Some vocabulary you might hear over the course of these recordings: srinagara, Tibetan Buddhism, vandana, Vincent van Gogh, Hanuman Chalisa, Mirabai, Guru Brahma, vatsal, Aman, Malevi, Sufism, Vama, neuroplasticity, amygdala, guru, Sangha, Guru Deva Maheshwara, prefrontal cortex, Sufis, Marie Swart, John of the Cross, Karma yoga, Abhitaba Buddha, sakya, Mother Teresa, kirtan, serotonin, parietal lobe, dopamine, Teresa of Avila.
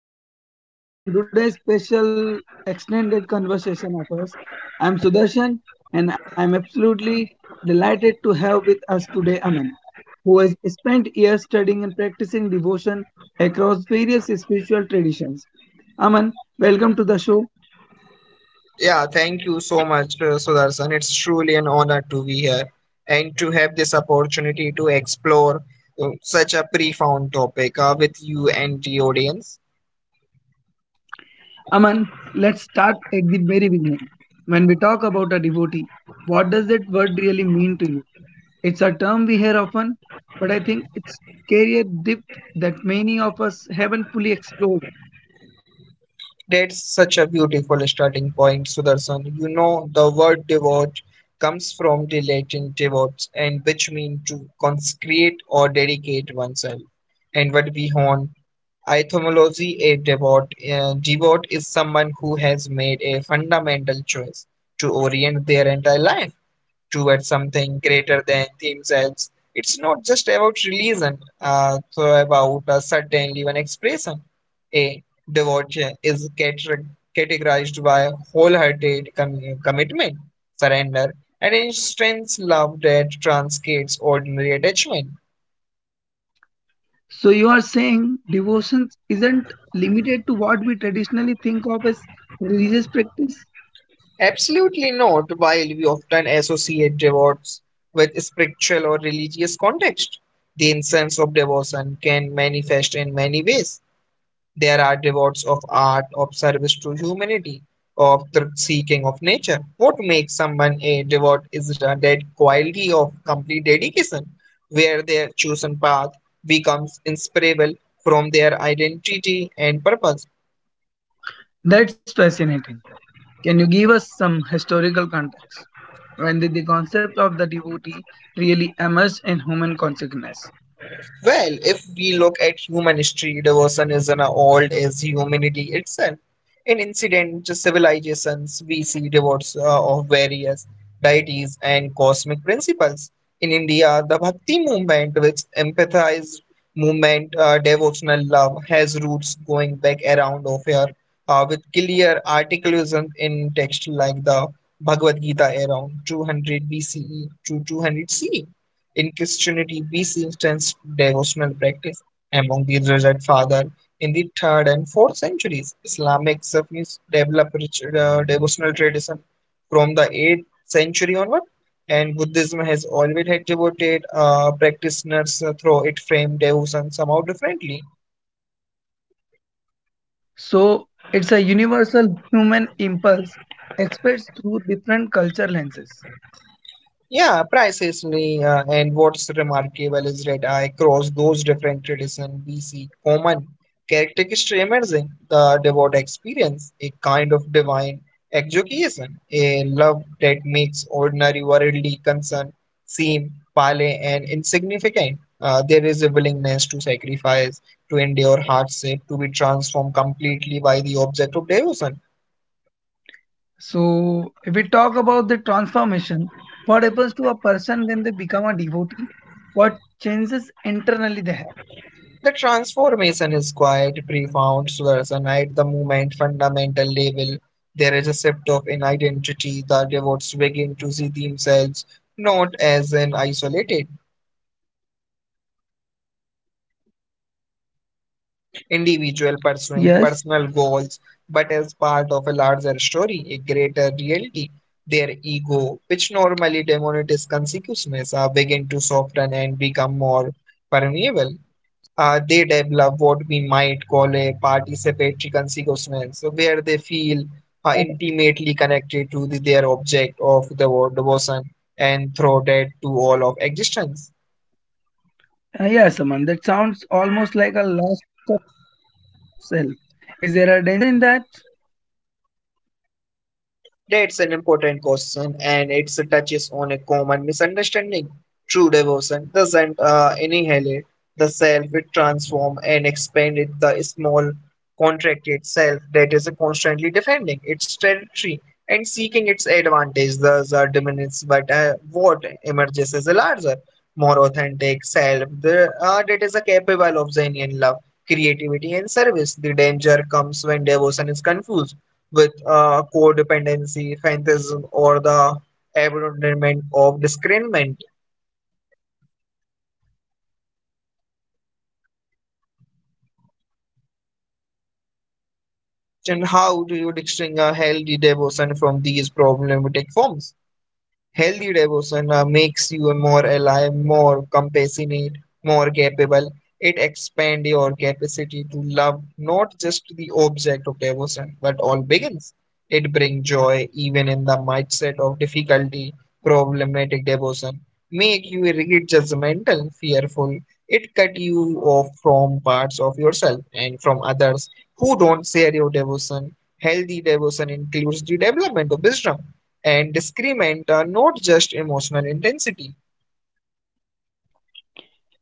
Sudarshan, your host, and today's special extended conversation of us. I'm Sudarshan, and I'm absolutely delighted to have with us today Aman, who has spent years studying and practicing devotion across various spiritual traditions. Aman, welcome to the show. Yeah, thank you so much, Sudarshan. It's truly an honor to be here and to have this opportunity to explore such a profound topic with you and the audience. Aman, let's start at the very beginning. When we talk about a devotee, what does that word really mean to you? It's a term we hear often, but I think it's carry a depth that many of us haven't fully explored. That's such a beautiful starting point, Sudarshan. The word devote comes from the Latin devotes, and which means to consecrate or dedicate oneself. And what we hone, etymology, a devote is someone who has made a fundamental choice to orient their entire life towards something greater than themselves. It's not just about religion, so about a certain even expression. A devotee is categorized by wholehearted commitment, surrender, and intense love that transcends ordinary attachment. So you are saying devotion isn't limited to what we traditionally think of as religious practice? Absolutely not, while we often associate devotees with spiritual or religious context. The essence of devotion can manifest in many ways. There are rewards of art, of service to humanity, of the seeking of nature. What makes someone a devout is that quality of complete dedication, where their chosen path becomes inseparable from their identity and purpose. That's fascinating. Can you give us some historical context? When did the concept of the devotee really emerge in human consciousness? Well, if we look at human history, devotion is an old as humanity itself. In ancient civilizations, we see devotees of various deities and cosmic principles. In India, the Bhakti movement, which empathized movement, devotional love, has roots going back around of here with clear articulation in text like the Bhagavad Gita around 200 BCE to 200 CE. In Christianity, we see intense devotional practice among the resurrected father in the third and fourth centuries. Islamic Sufis developed devotional tradition from the eighth century onward, and Buddhism has always had devoted practitioners through it frame devotion somehow differently. So it's a universal human impulse expressed through different culture lenses. Yeah, precisely. And what's remarkable is that across those different traditions, we see common characteristics emerging the devout experience, a kind of divine exaltation, a love that makes ordinary worldly concern seem pale and insignificant. There is a willingness to sacrifice, to endure hardship, to be transformed completely by the object of devotion. So if we talk about the transformation, what happens to a person when they become a devotee? What changes internally they have? The transformation is quite profound, Sudarshan, at the movement fundamental level. There is a shift of an identity. The devotees begin to see themselves not as an isolated Yes. individual pursuing personal goals, but as part of a larger story, a greater reality. Their ego, which normally demonizes consciousness, begin to soften and become more permeable. They develop what we might call a participatory consciousness, so where they feel uh, intimately connected to their object of the devotion and throw that to all of existence. yes, Aman. That sounds almost like a loss of self. Is there a danger in that? That's an important question, and it touches on a common misunderstanding. True devotion doesn't annihilate the self, it transforms and expands it, the small, contracted self that is constantly defending its territory and seeking its advantage. Thus, are diminished, but what emerges is a larger, more authentic self that is a capable of genuine love, creativity, and service. The danger comes when devotion is confused with codependency, fantasm, or the abandonment of discernment. So how do we distinguish healthy devotion from these problematic forms? And how do you distinguish a healthy devotion from these problematic forms? Healthy devotion makes you more alive, more compassionate, more capable. It expands your capacity to love not just the object of devotion, but all beings. It brings joy even in the mindset of difficulty, problematic devotion. Make you rigid, judgmental, fearful. It cut you off from parts of yourself and from others who don't share your devotion. Healthy devotion includes the development of wisdom and discrement are not just emotional intensity.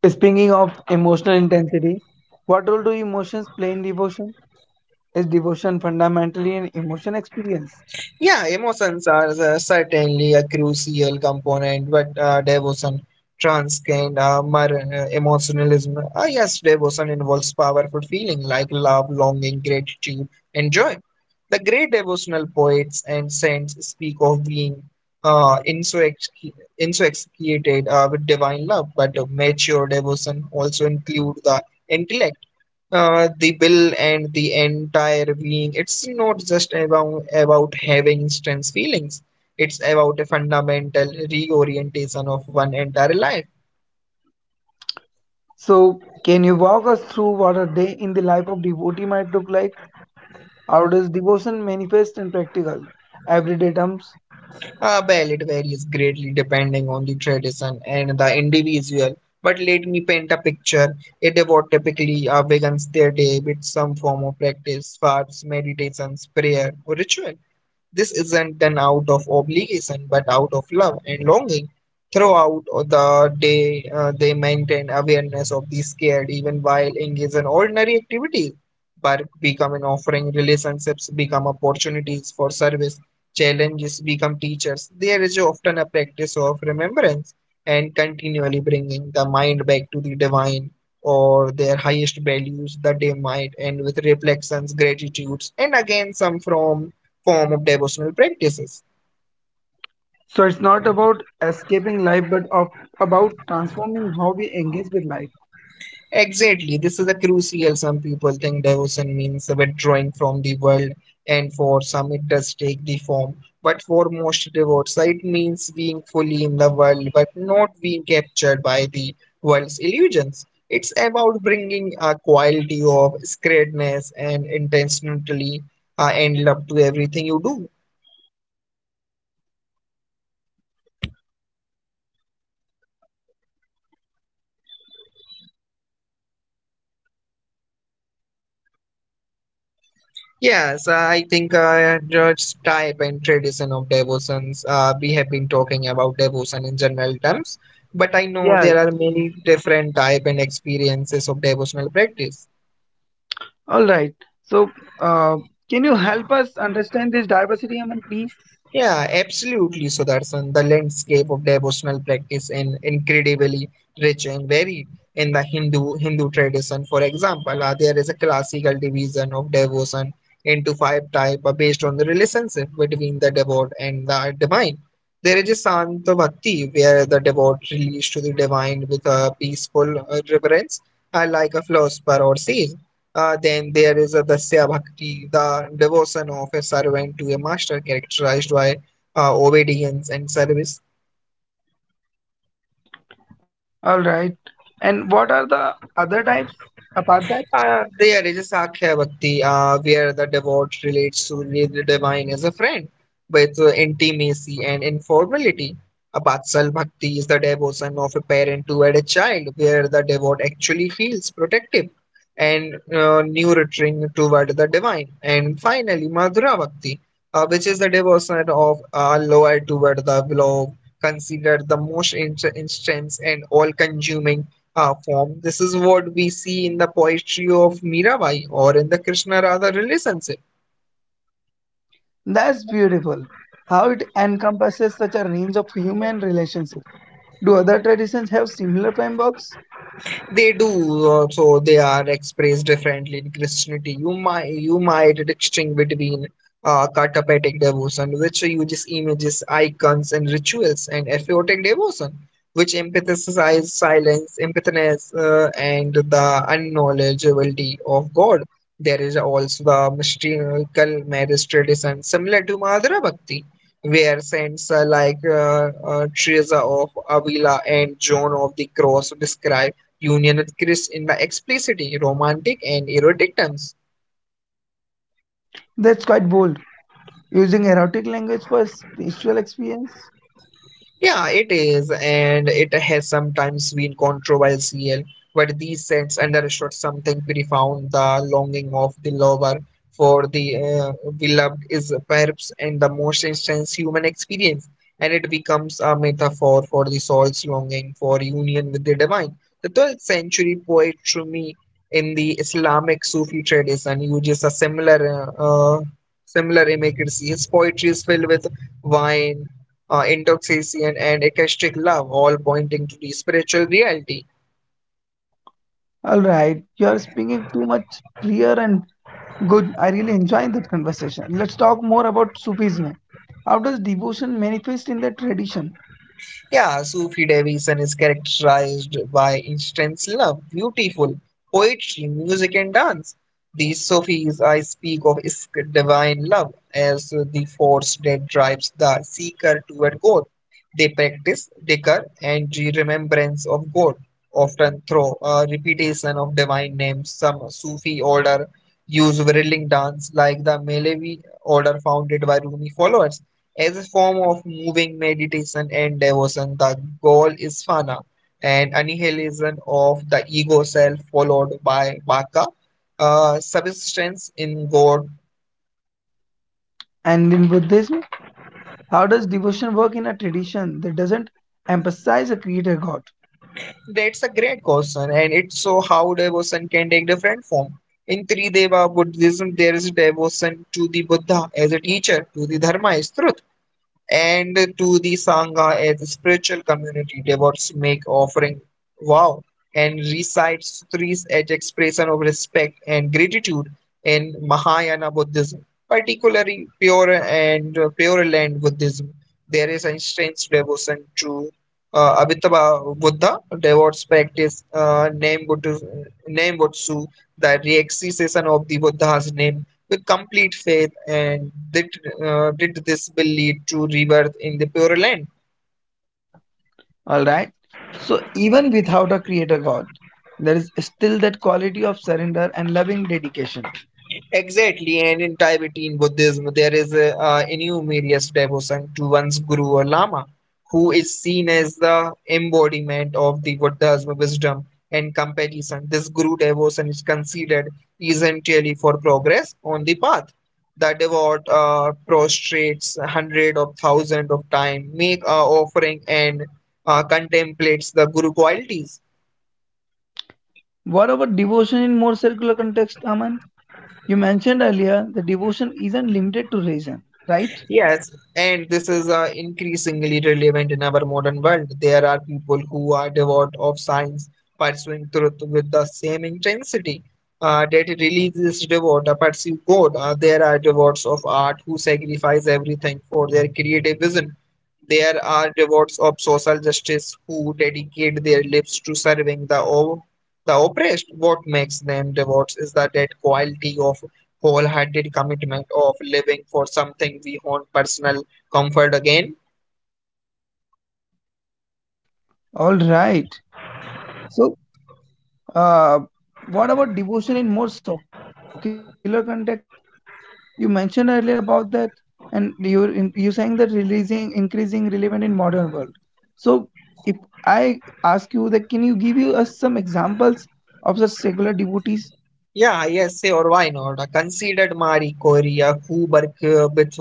Speaking of emotional intensity, what role do emotions play in devotion? Is devotion fundamentally an emotion experience? Yeah, emotions are certainly a crucial component, but devotion transcend emotionalism. Yes, devotion involves powerful feeling like love, longing, gratitude, and joy. The great devotional poets and saints speak of being insoxicated with divine love, but mature devotion also include the intellect the bill and the entire being. It's not just about having intense feelings. It's about a fundamental reorientation of one entire life. So, can you walk us through what a day in the life of devotee might look like? How does devotion manifest in practical, everyday terms? Well, it varies greatly depending on the tradition and the individual. But let me paint a picture. A devote typically begins their day with some form of practice, fasts, meditations, prayer, or ritual. This isn't done out of obligation but out of love and longing. Throughout the day, they maintain awareness of the scared even while engaged in ordinary activities. Work become an offering, relationships become opportunities for service, challenges become teachers. There is often a practice of remembrance and continually bringing the mind back to the divine or their highest values that they might and with reflections gratitudes and again some from form of devotional practices. So, it's not about escaping life, but about transforming how we engage with life. Exactly, this is a crucial. Some people think devotion means withdrawing from the world, and for some it does take the form. But for most devotees, it means being fully in the world, but not being captured by the world's illusions. It's about bringing a quality of sacredness and intentionally and love to everything you do. Yes, I think just type and tradition of devotions. We have been talking about devotion in general terms, but I know Yes. there are many different type and experiences of devotional practice. All right. So, uh, can you help us understand this diversity, Aman, please? Yeah, absolutely, Sudarshan. The landscape of devotional practice is incredibly rich and varied. In the Hindu tradition, for example, there is a classical division of devotion into five types based on the relationship between the devote and the divine. There is a Santa Bhakti, where the devote relates to the divine with a peaceful reverence, like a philosopher or sage. Then there is the Dasya Bhakti, the devotion of a servant to a master characterized by obedience and service. All right. And what are the other types apart that? There is a Sakya Bhakti where the devote relates to the divine as a friend with intimacy and informality. A Batsal Bhakti is the devotion of a parent toward a child where the devote actually feels protective and nurturing toward the divine. And finally, Madhura Bhakti, which is the devotion of lower toward the beloved, considered the most intense and all consuming form. This is what we see in the poetry of Mirabai or in the Krishna Radha relationship. That's beautiful. How it encompasses such a range of human relationships. Do other traditions have similar frameworks? They do. So. They are expressed differently in Christianity. You might distinguish between katapetic devotion, which uses images, icons, and rituals, and aphiotic devotion, which emphasizes silence, empathiness, and the unknowledgeability of God. There is also the mystical marriage tradition, similar to Madhura Bhakti, where saints like Teresa of Avila and Joan of the Cross describe Union with Chris in by explicitly romantic and erotic terms. That's quite bold. Using erotic language for spiritual experience? Yeah, it is, and it has sometimes been controversial, but these sets understood something profound. The longing of the lover for the beloved is perhaps in the most instance human experience, and it becomes a metaphor for the soul's longing for union with the divine. The 12th century poet Rumi in the Islamic Sufi tradition uses a similar similar imagery. His poetry is filled with wine intoxication, and ecstatic love, all pointing to the spiritual reality. Alright, you are speaking too much clear and good. I really enjoyed that conversation. Let's talk more about Sufism. How does devotion manifest in the tradition Yeah, Sufi devotion is characterized by intense love, beautiful poetry, music, and dance. The Sufis I speak of is divine love as the force that drives the seeker toward God. They practice dhikr and the remembrance of God, often through a repetition of divine names. Some Sufi order use whirling dance like the Malevi order founded by Rumi followers as a form of moving meditation and devotion. The goal is fana, an annihilation of the ego self, followed by bhaka, subsistence in God. and in Buddhism? How does devotion work in a tradition that doesn't emphasize a creator God? That's a great question, and it's so how devotion can take different form. In Trideva Buddhism, there is devotion to the Buddha as a teacher, to the Dharma, as truth and to the Sangha as a spiritual community. Devotees make offering vow and recite sutras as expression of respect and gratitude in Mahayana Buddhism, particularly pure and Pure Land Buddhism. There is an intense devotion to Abhitaba Buddha. Devotees practice name Buddha, name Butsu, the reexcitation of the Buddha's name with complete faith and that did this will lead to rebirth in the pure land. All right. So, even without a creator God, there is still that quality of surrender and loving dedication. Exactly, and in Tibetan Buddhism, there is enormous devotion to one's guru or lama, who is seen as the embodiment of the Buddha's wisdom and compassion. This guru devotion is considered essentially for progress on the path. The devout prostrates hundreds of thousands of times, make a offering, and contemplates the guru qualities. What about devotion in more circular context, Aman? You mentioned earlier that devotion isn't limited to reason, right? Yes, and this is increasingly relevant in our modern world. There are people who are devout of science, pursuing truth with the same intensity that religious devout pursue God. There are devotees of art who sacrifice everything for their creative vision. There are devotees of social justice who dedicate their lives to serving the oppressed. What makes them devotees is that quality of wholehearted commitment of living for something beyond personal comfort again. All right. So, uh, what about devotion in more circular context? You mentioned earlier about that, and you saying that releasing increasing relevant in modern world. So if I ask you that, can you give you us some examples of such secular devotees? Yeah, yes, or why not? I considered Marie Curie, who worked with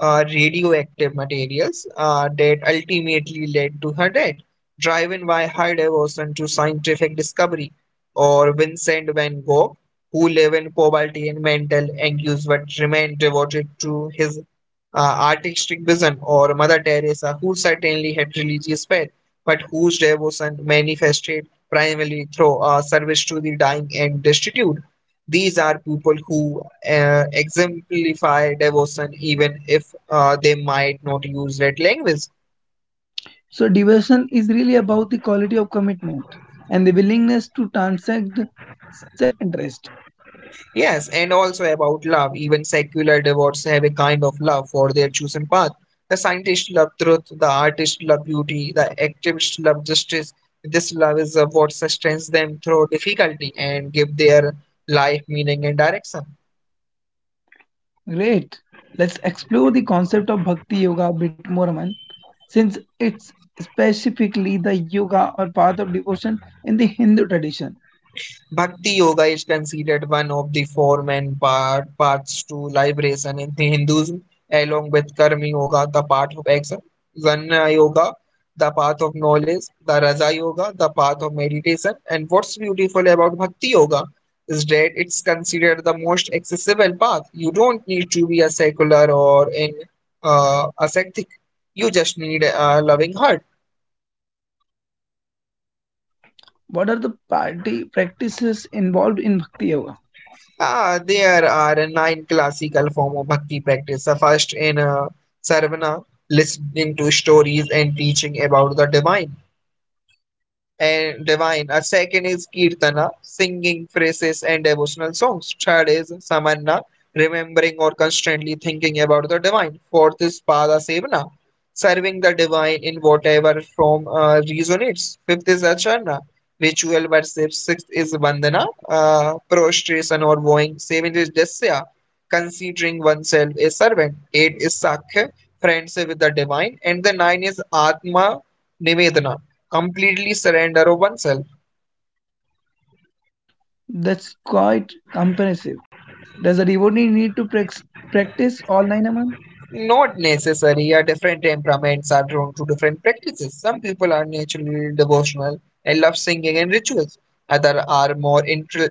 radioactive materials that ultimately led to her death, driven by her devotion to scientific discovery, or Vincent van Gogh, who lived in poverty and mental anguish but remained devoted to his artistic vision, or Mother Teresa, who certainly had religious faith, but whose devotion manifested primarily through service to the dying and destitute. These are people who exemplify devotion even if they might not use that language. So devotion is really about the quality of commitment and the willingness to transcend self-interest. Yes, and also about love. Even secular devotees have a kind of love for their chosen path. The scientists love truth, the artists love beauty, the activists love justice. This love is what sustains them through difficulty and give their life meaning and direction. Great. Let's explore the concept of bhakti yoga a bit more, man. Since it's specifically the yoga or path of devotion in the Hindu tradition. Bhakti yoga is considered one of the four main part paths to liberation in Hinduism, along with Karma yoga, the path of action, Jnana yoga, the path of knowledge, the Raja yoga, the path of meditation. And what's beautiful about Bhakti yoga is that it's considered the most accessible path. You don't need to be a secular or in ascetic. You just need a loving heart. What are the party practices involved in Bhakti Yoga? Ah, there are nine classical form of bhakti practice. The first in sarvana, listening to stories and teaching about the divine. A second is kirtana, singing phrases and devotional songs. Third is samanna, remembering or constantly thinking about the divine. Fourth is pada sevana, serving the divine in whatever form resonates. Fifth is acharna, ritual worship. Sixth is vandana, prostration or vowing. Seventh is dasya, considering oneself a servant. Eight is sakya, friendship with the divine. And the nine is atma nivedana, completely surrender of oneself. That's quite comprehensive. Does a devotee need to practice all nine, Aman? Not necessary. Our different temperaments are drawn to different practices. Some people are naturally devotional and love singing and rituals. Others are more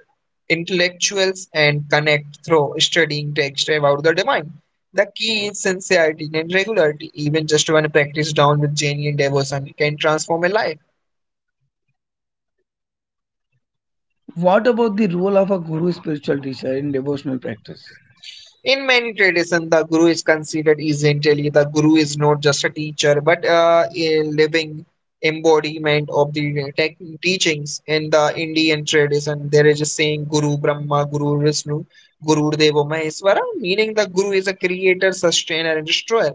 intellectuals and connect through studying text about the divine. The key is sincerity and regularity. Even just one practice down with genuine devotion can transform a life. What about the role of a guru spiritual teacher in devotional practice? In many traditions, the guru is considered essentially the guru is not just a teacher but a living embodiment of the tech teachings. In the Indian tradition, there is a saying Guru Brahma, Guru Vishnu, Guru Deva Maheshwara, meaning the guru is a creator, sustainer, and destroyer,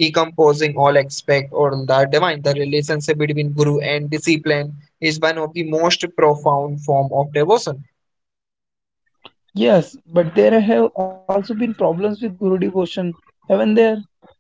encompassing all aspects of the divine. The relationship between guru and discipline is one of the most profound form of devotion. Yes, but there have also been problems with guru devotion, haven't there?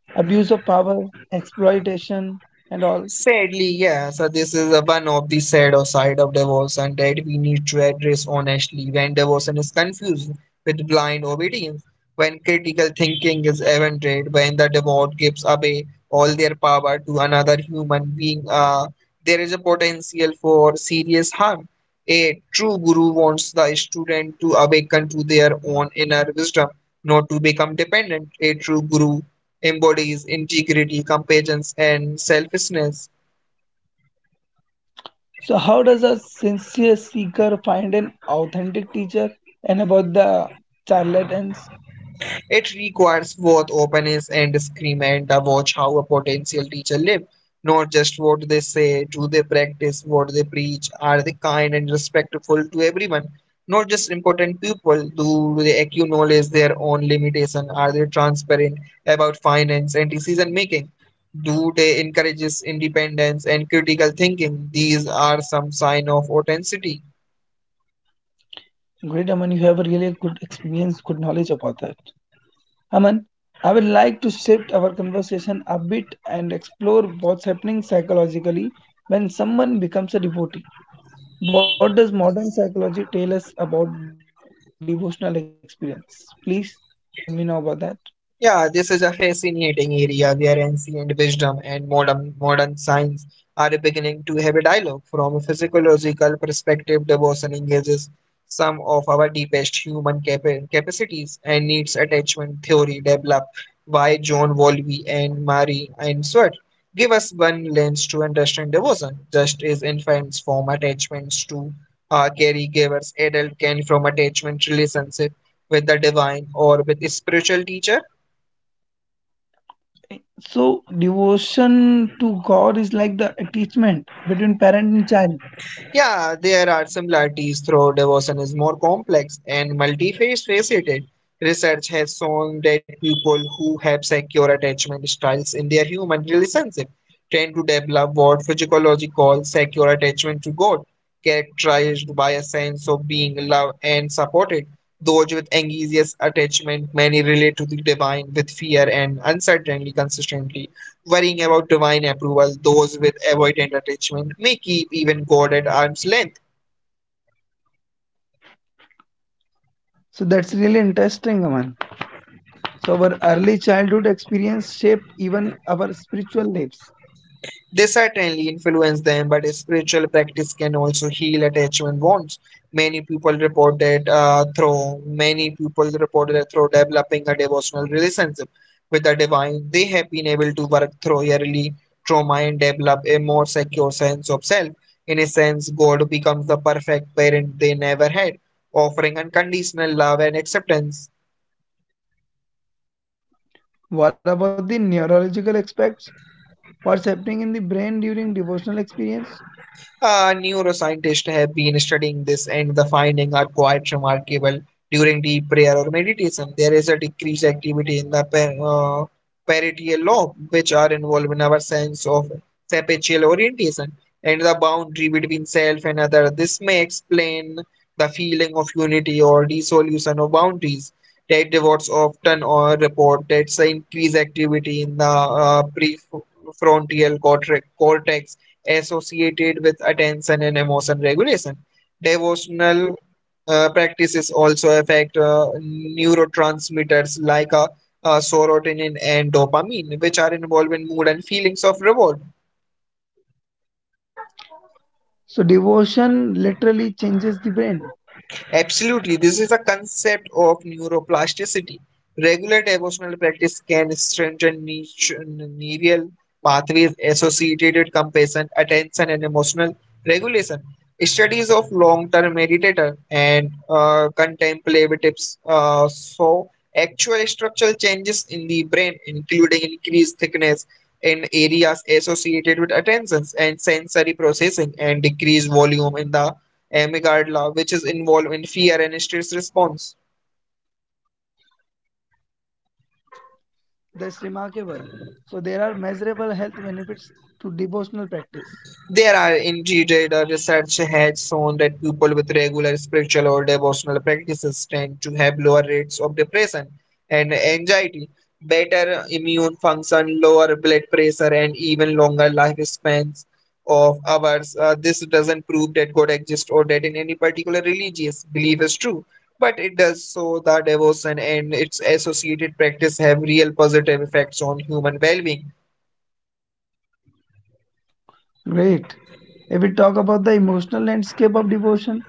Abuse of power, exploitation, and all. Sadly, yeah. So this is a one of the sad or side of divorce, and that we need to address honestly when divorce is confused with blind obedience, when critical thinking is invented, when the divorce gives away all their power to another human being. There is a potential for serious harm. A true guru wants the student to awaken to their own inner wisdom, not to become dependent. A true guru embodies integrity, compassion, and selflessness. So, how does a sincere seeker find an authentic teacher? And about the charlatans? It requires both openness and discernment to watch how a potential teacher lives. Not just what they say, do they practice what they preach, are they kind and respectful to everyone, not just important people, do they acknowledge their own limitation, are they transparent about finance and decision making, do they encourages independence and critical thinking. These are some sign of authenticity. Great, Aman. You have a really good experience, good knowledge about that. Aman, I would like to shift our conversation a bit and explore what's happening psychologically when someone becomes a devotee. What does modern psychology tell us about devotional experience? Please tell me now about that. Yeah, this is a fascinating area where ancient wisdom and modern science are beginning to have a dialogue. From a physiological perspective, devotion engages some of our deepest human capacities and needs attachment theory developed by John Wolfe and Marie and Swart, give us one lens to understand devotion, just as infants form attachments to caregivers, adults can form attachment relationship with the divine or with a spiritual teacher. So, devotion to God is like the attachment between parent and child. Yeah, there are similarities, though devotion is more complex and multifaceted. Research has shown that people who have secure attachment styles in their human relationship tend to develop what physiology calls secure attachment to God, characterized by a sense of being loved and supported. Those with anxious attachment many relate to the divine with fear and uncertainty consistently. Worrying about divine approval, those with avoidant attachment may keep even God at arm's length. So, that's really interesting, Aman. So, our early childhood experience shape even our spiritual lives. They certainly influence them, but spiritual practice can also heal attachment wounds. Many people report that through developing a devotional relationship with the divine, they have been able to work through early trauma and develop a more secure sense of self. In a sense, God becomes the perfect parent they never had, offering unconditional love and acceptance. What about the neurological aspects? What's happening in the brain during devotional experience? Neuroscientists have been studying this, and the findings are quite remarkable. During deep prayer or meditation, there is a decreased activity in the parietal lobe, which are involved in our sense of spatial orientation and the boundary between self and other. This may explain the feeling of unity or dissolution of boundaries that devotees often or report that's the increased activity in the prefrontal cortex associated with attention and emotion regulation. Devotional practices also affect neurotransmitters like serotonin and dopamine, which are involved in mood and feelings of reward. So, devotion literally changes the brain. Absolutely, this is a concept of neuroplasticity. Regular devotional practice can strengthen neural pathways associated with compassion, attention, and emotional regulation. Studies of long-term meditator and contemplatives show actual structural changes in the brain, including increased thickness in areas associated with attentions and sensory processing, and decreased volume in the amygdala, which is involved in fear and stress response. That's remarkable. So, there are measurable health benefits to devotional practice. There are indeed research has shown that people with regular spiritual or devotional practices tend to have lower rates of depression and anxiety, better immune function, lower blood pressure, and even longer lifespans of ours. This doesn't prove that God exists or that in any particular religious belief is true, but it does show that devotion and its associated practice have real positive effects on human well-being. Great. If we talk about the emotional landscape of devotion,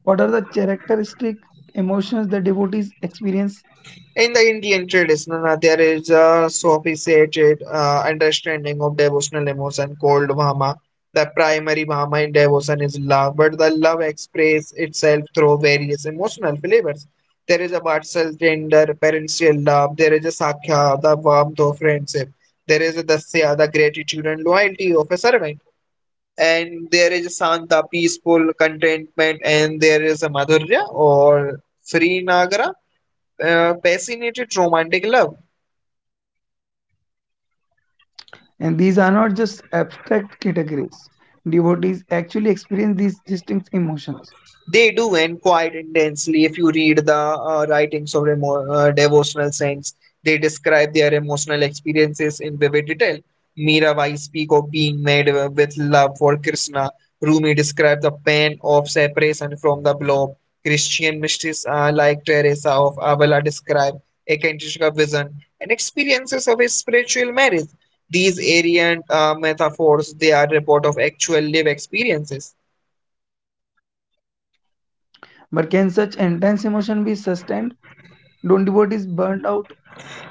what are the characteristic emotions that devotees experience? In the Indian tradition, there is a sophisticated understanding of devotional emotion called Vama. The primary Vama in devotion is love, but the love expresses itself through various emotional flavors. There is a vatsal, tender, parental love. There is a sakya, the warmth of friendship. There is a dasya, the gratitude and loyalty of a servant. And there is a shanta, peaceful contentment. And there is a madhurya or srinagara, passionate romantic love. And these are not just abstract categories. Devotees actually experience these distinct emotions. They do, and quite intensely. If you read the writings of devotional saints, they describe their emotional experiences in vivid detail. Mirabai speak of being made with love for Krishna. Rumi described the pain of separation from the beloved. Christian mystics like Teresa of Avila describe a eccentric vision and experiences of a spiritual marriage. These arrogant metaphors, they are report of actual live experiences. But can such intense emotion be sustained? Don't devotees burnt out?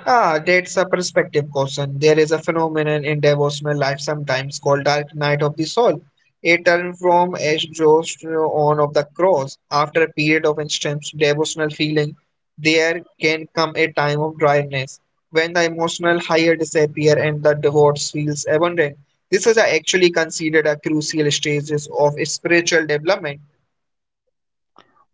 Ah, that's a perspective question. There is a phenomenon in devotional life sometimes called dark night of the soul. A turn from exhaust to on of the cross. After a period of intense devotional feeling, there can come a time of dryness when the emotional higher disappear and the divorce feels abandoned. This is actually considered a crucial stages of spiritual development.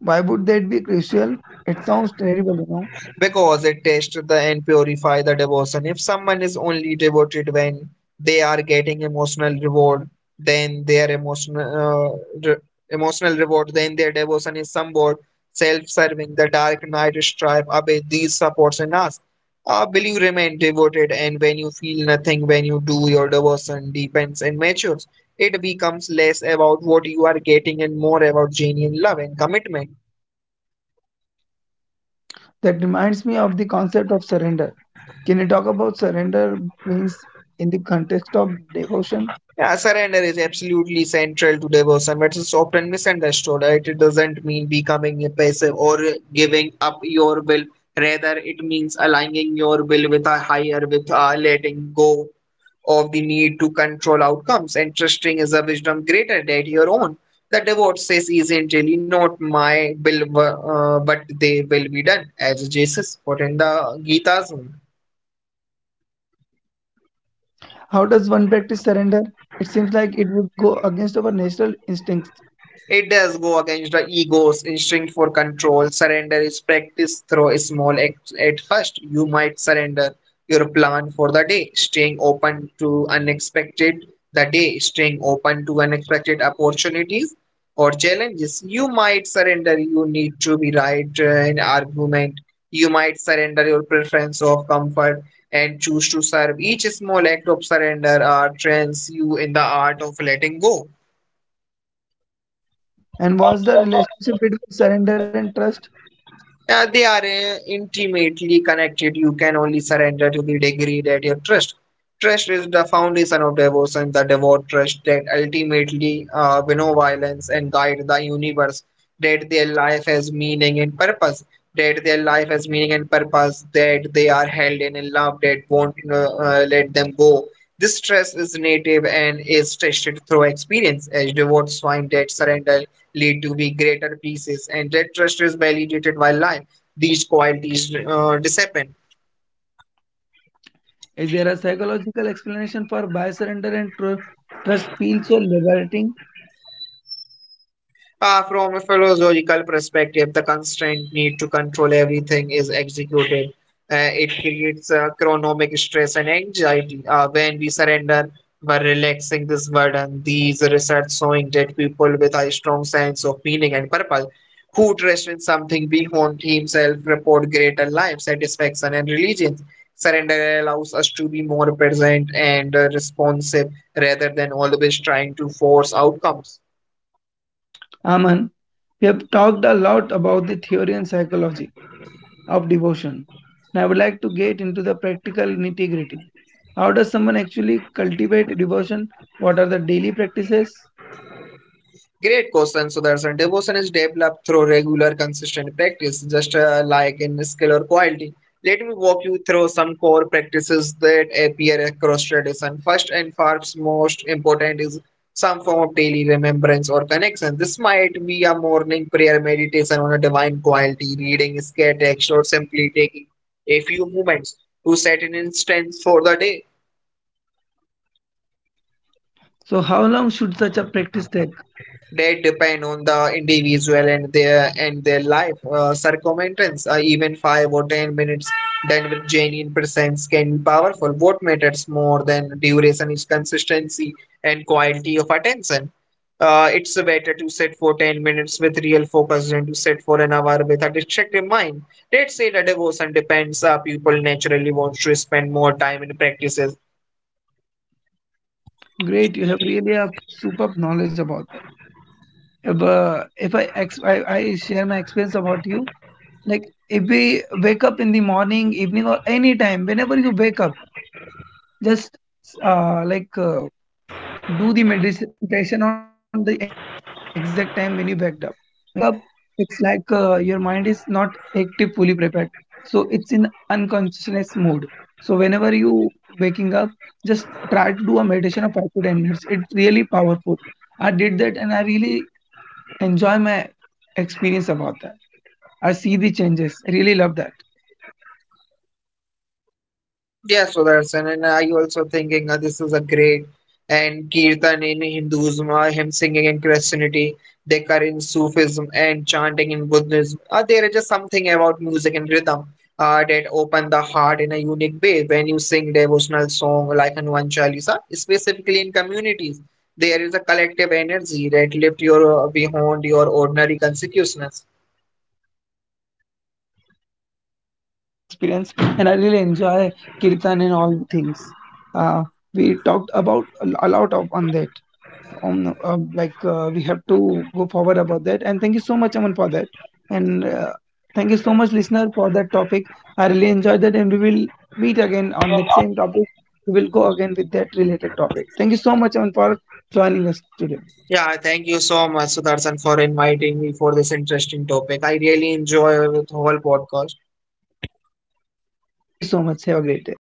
Why would that be crucial? It sounds terrible, you know. Because it tests the and purify the devotion. If someone is only devoted when they are getting emotional reward, then their emotional re- emotional reward, then their devotion is somewhat self-serving. The dark night stripe away these supports in us. Will you remain devoted, and when you feel nothing, when you do your devotion deepens and matures, it becomes less about what you are getting and more about genuine love and commitment. That reminds me of the concept of surrender. Can you talk about surrender means in the context of devotion? Yeah, surrender is absolutely central to devotion, but it's often misunderstood, right? It doesn't mean becoming passive or giving up your will. Rather, it means aligning your will with a higher, with letting go of the need to control outcomes and trusting is a wisdom greater than your own. The devote says, isn't really not my will, but they will be done, as Jesus put in the Gita's. How does one practice surrender? It seems like it would go against our natural instincts. It does go against the ego's instinct for control. Surrender is practiced through small acts. At first, you might surrender your plan for the day, staying open to unexpected opportunities or challenges. You might surrender you need to be right in argument. You might surrender your preference of comfort and choose to serve. Each small act of surrender trains you in the art of letting go. And what's the relationship between surrender and trust? They are intimately connected. You can only surrender to the degree that you trust. Trust is the foundation of devotion, the devout trust that ultimately winnow violence and guide the universe, that their life has meaning and purpose, that their life has meaning and purpose, that they are held in a love that won't let them go. This trust is native and is tested through experience as devotees find that surrender lead to be greater pieces, and that trust is validated by life. These qualities disappear. Is there a psychological explanation for why surrender and trust feel so liberating? From a philosophical perspective, the constant need to control everything is executed. It creates chronomic stress and anxiety. When we surrender by relaxing this burden, these research showing that people with a strong sense of meaning and purpose who trust in something beyond himself report greater life satisfaction and religion. Surrender allows us to be more present and responsive rather than always trying to force outcomes. Aman, we have talked a lot about the theory and psychology of devotion. Now, I would like to get into the practical nitty gritty. How does someone actually cultivate devotion? What are the daily practices? Great question, Sudarshan. Devotion is developed through regular, consistent practice, just like in skill or quality. Let me walk you through some core practices that appear across tradition. First and first, most important is some form of daily remembrance or connection. This might be a morning prayer, meditation on a divine quality, reading a text, or simply taking a few moments to set an instance for the day. So, how long should such a practice take? That depend on the individual and their life circumference. Even 5 or 10 minutes diverging in presence can be powerful. What matters more than duration is consistency and quality of attention. It's better to sit for 10 minutes with real focus than to sit for an hour with a distracted mind. Let's say the devotion depends. People naturally want to spend more time in practices. Great, you have really a superb knowledge about that. If I, ex- I share my experience about you, like if we wake up in the morning, evening, or any time, whenever you wake up, just like do the meditation on the exact time when you wake up. When you wake up, it's like your mind is not active, fully prepared. So it's in unconsciousness mode. So whenever you waking up, just try to do a meditation of 5 to 10 minutes. It's really powerful. I did that and I really enjoy my experience about that. I see the changes. I really love that. Yes, Sudarshan, and I also thinking this is a great and kirtan in Hinduism, hymn singing in Christianity, dhikar in Sufism, and chanting in Buddhism. There is just something about music and rhythm that open the heart in a unique way. When you sing devotional song like Hanuman Chalisa, specifically in communities, there is a collective energy that lift your beyond your ordinary consciousness. Great, Aman. You have really a good experience, and I really enjoy kirtan and all things. Uh, we talked about a lot of on that. Like we have to go forward about that. And thank you so much, Aman, for that. And thank you so much, listener, for that topic. I really enjoyed that, and we will meet again on that same topic. We will go again with that related topic. Thank you so much, Aman, for joining us today. Yeah, thank you so much, Sudarshan, for inviting me for this interesting topic. I really enjoy the whole podcast. Thank you so much. Have a great day.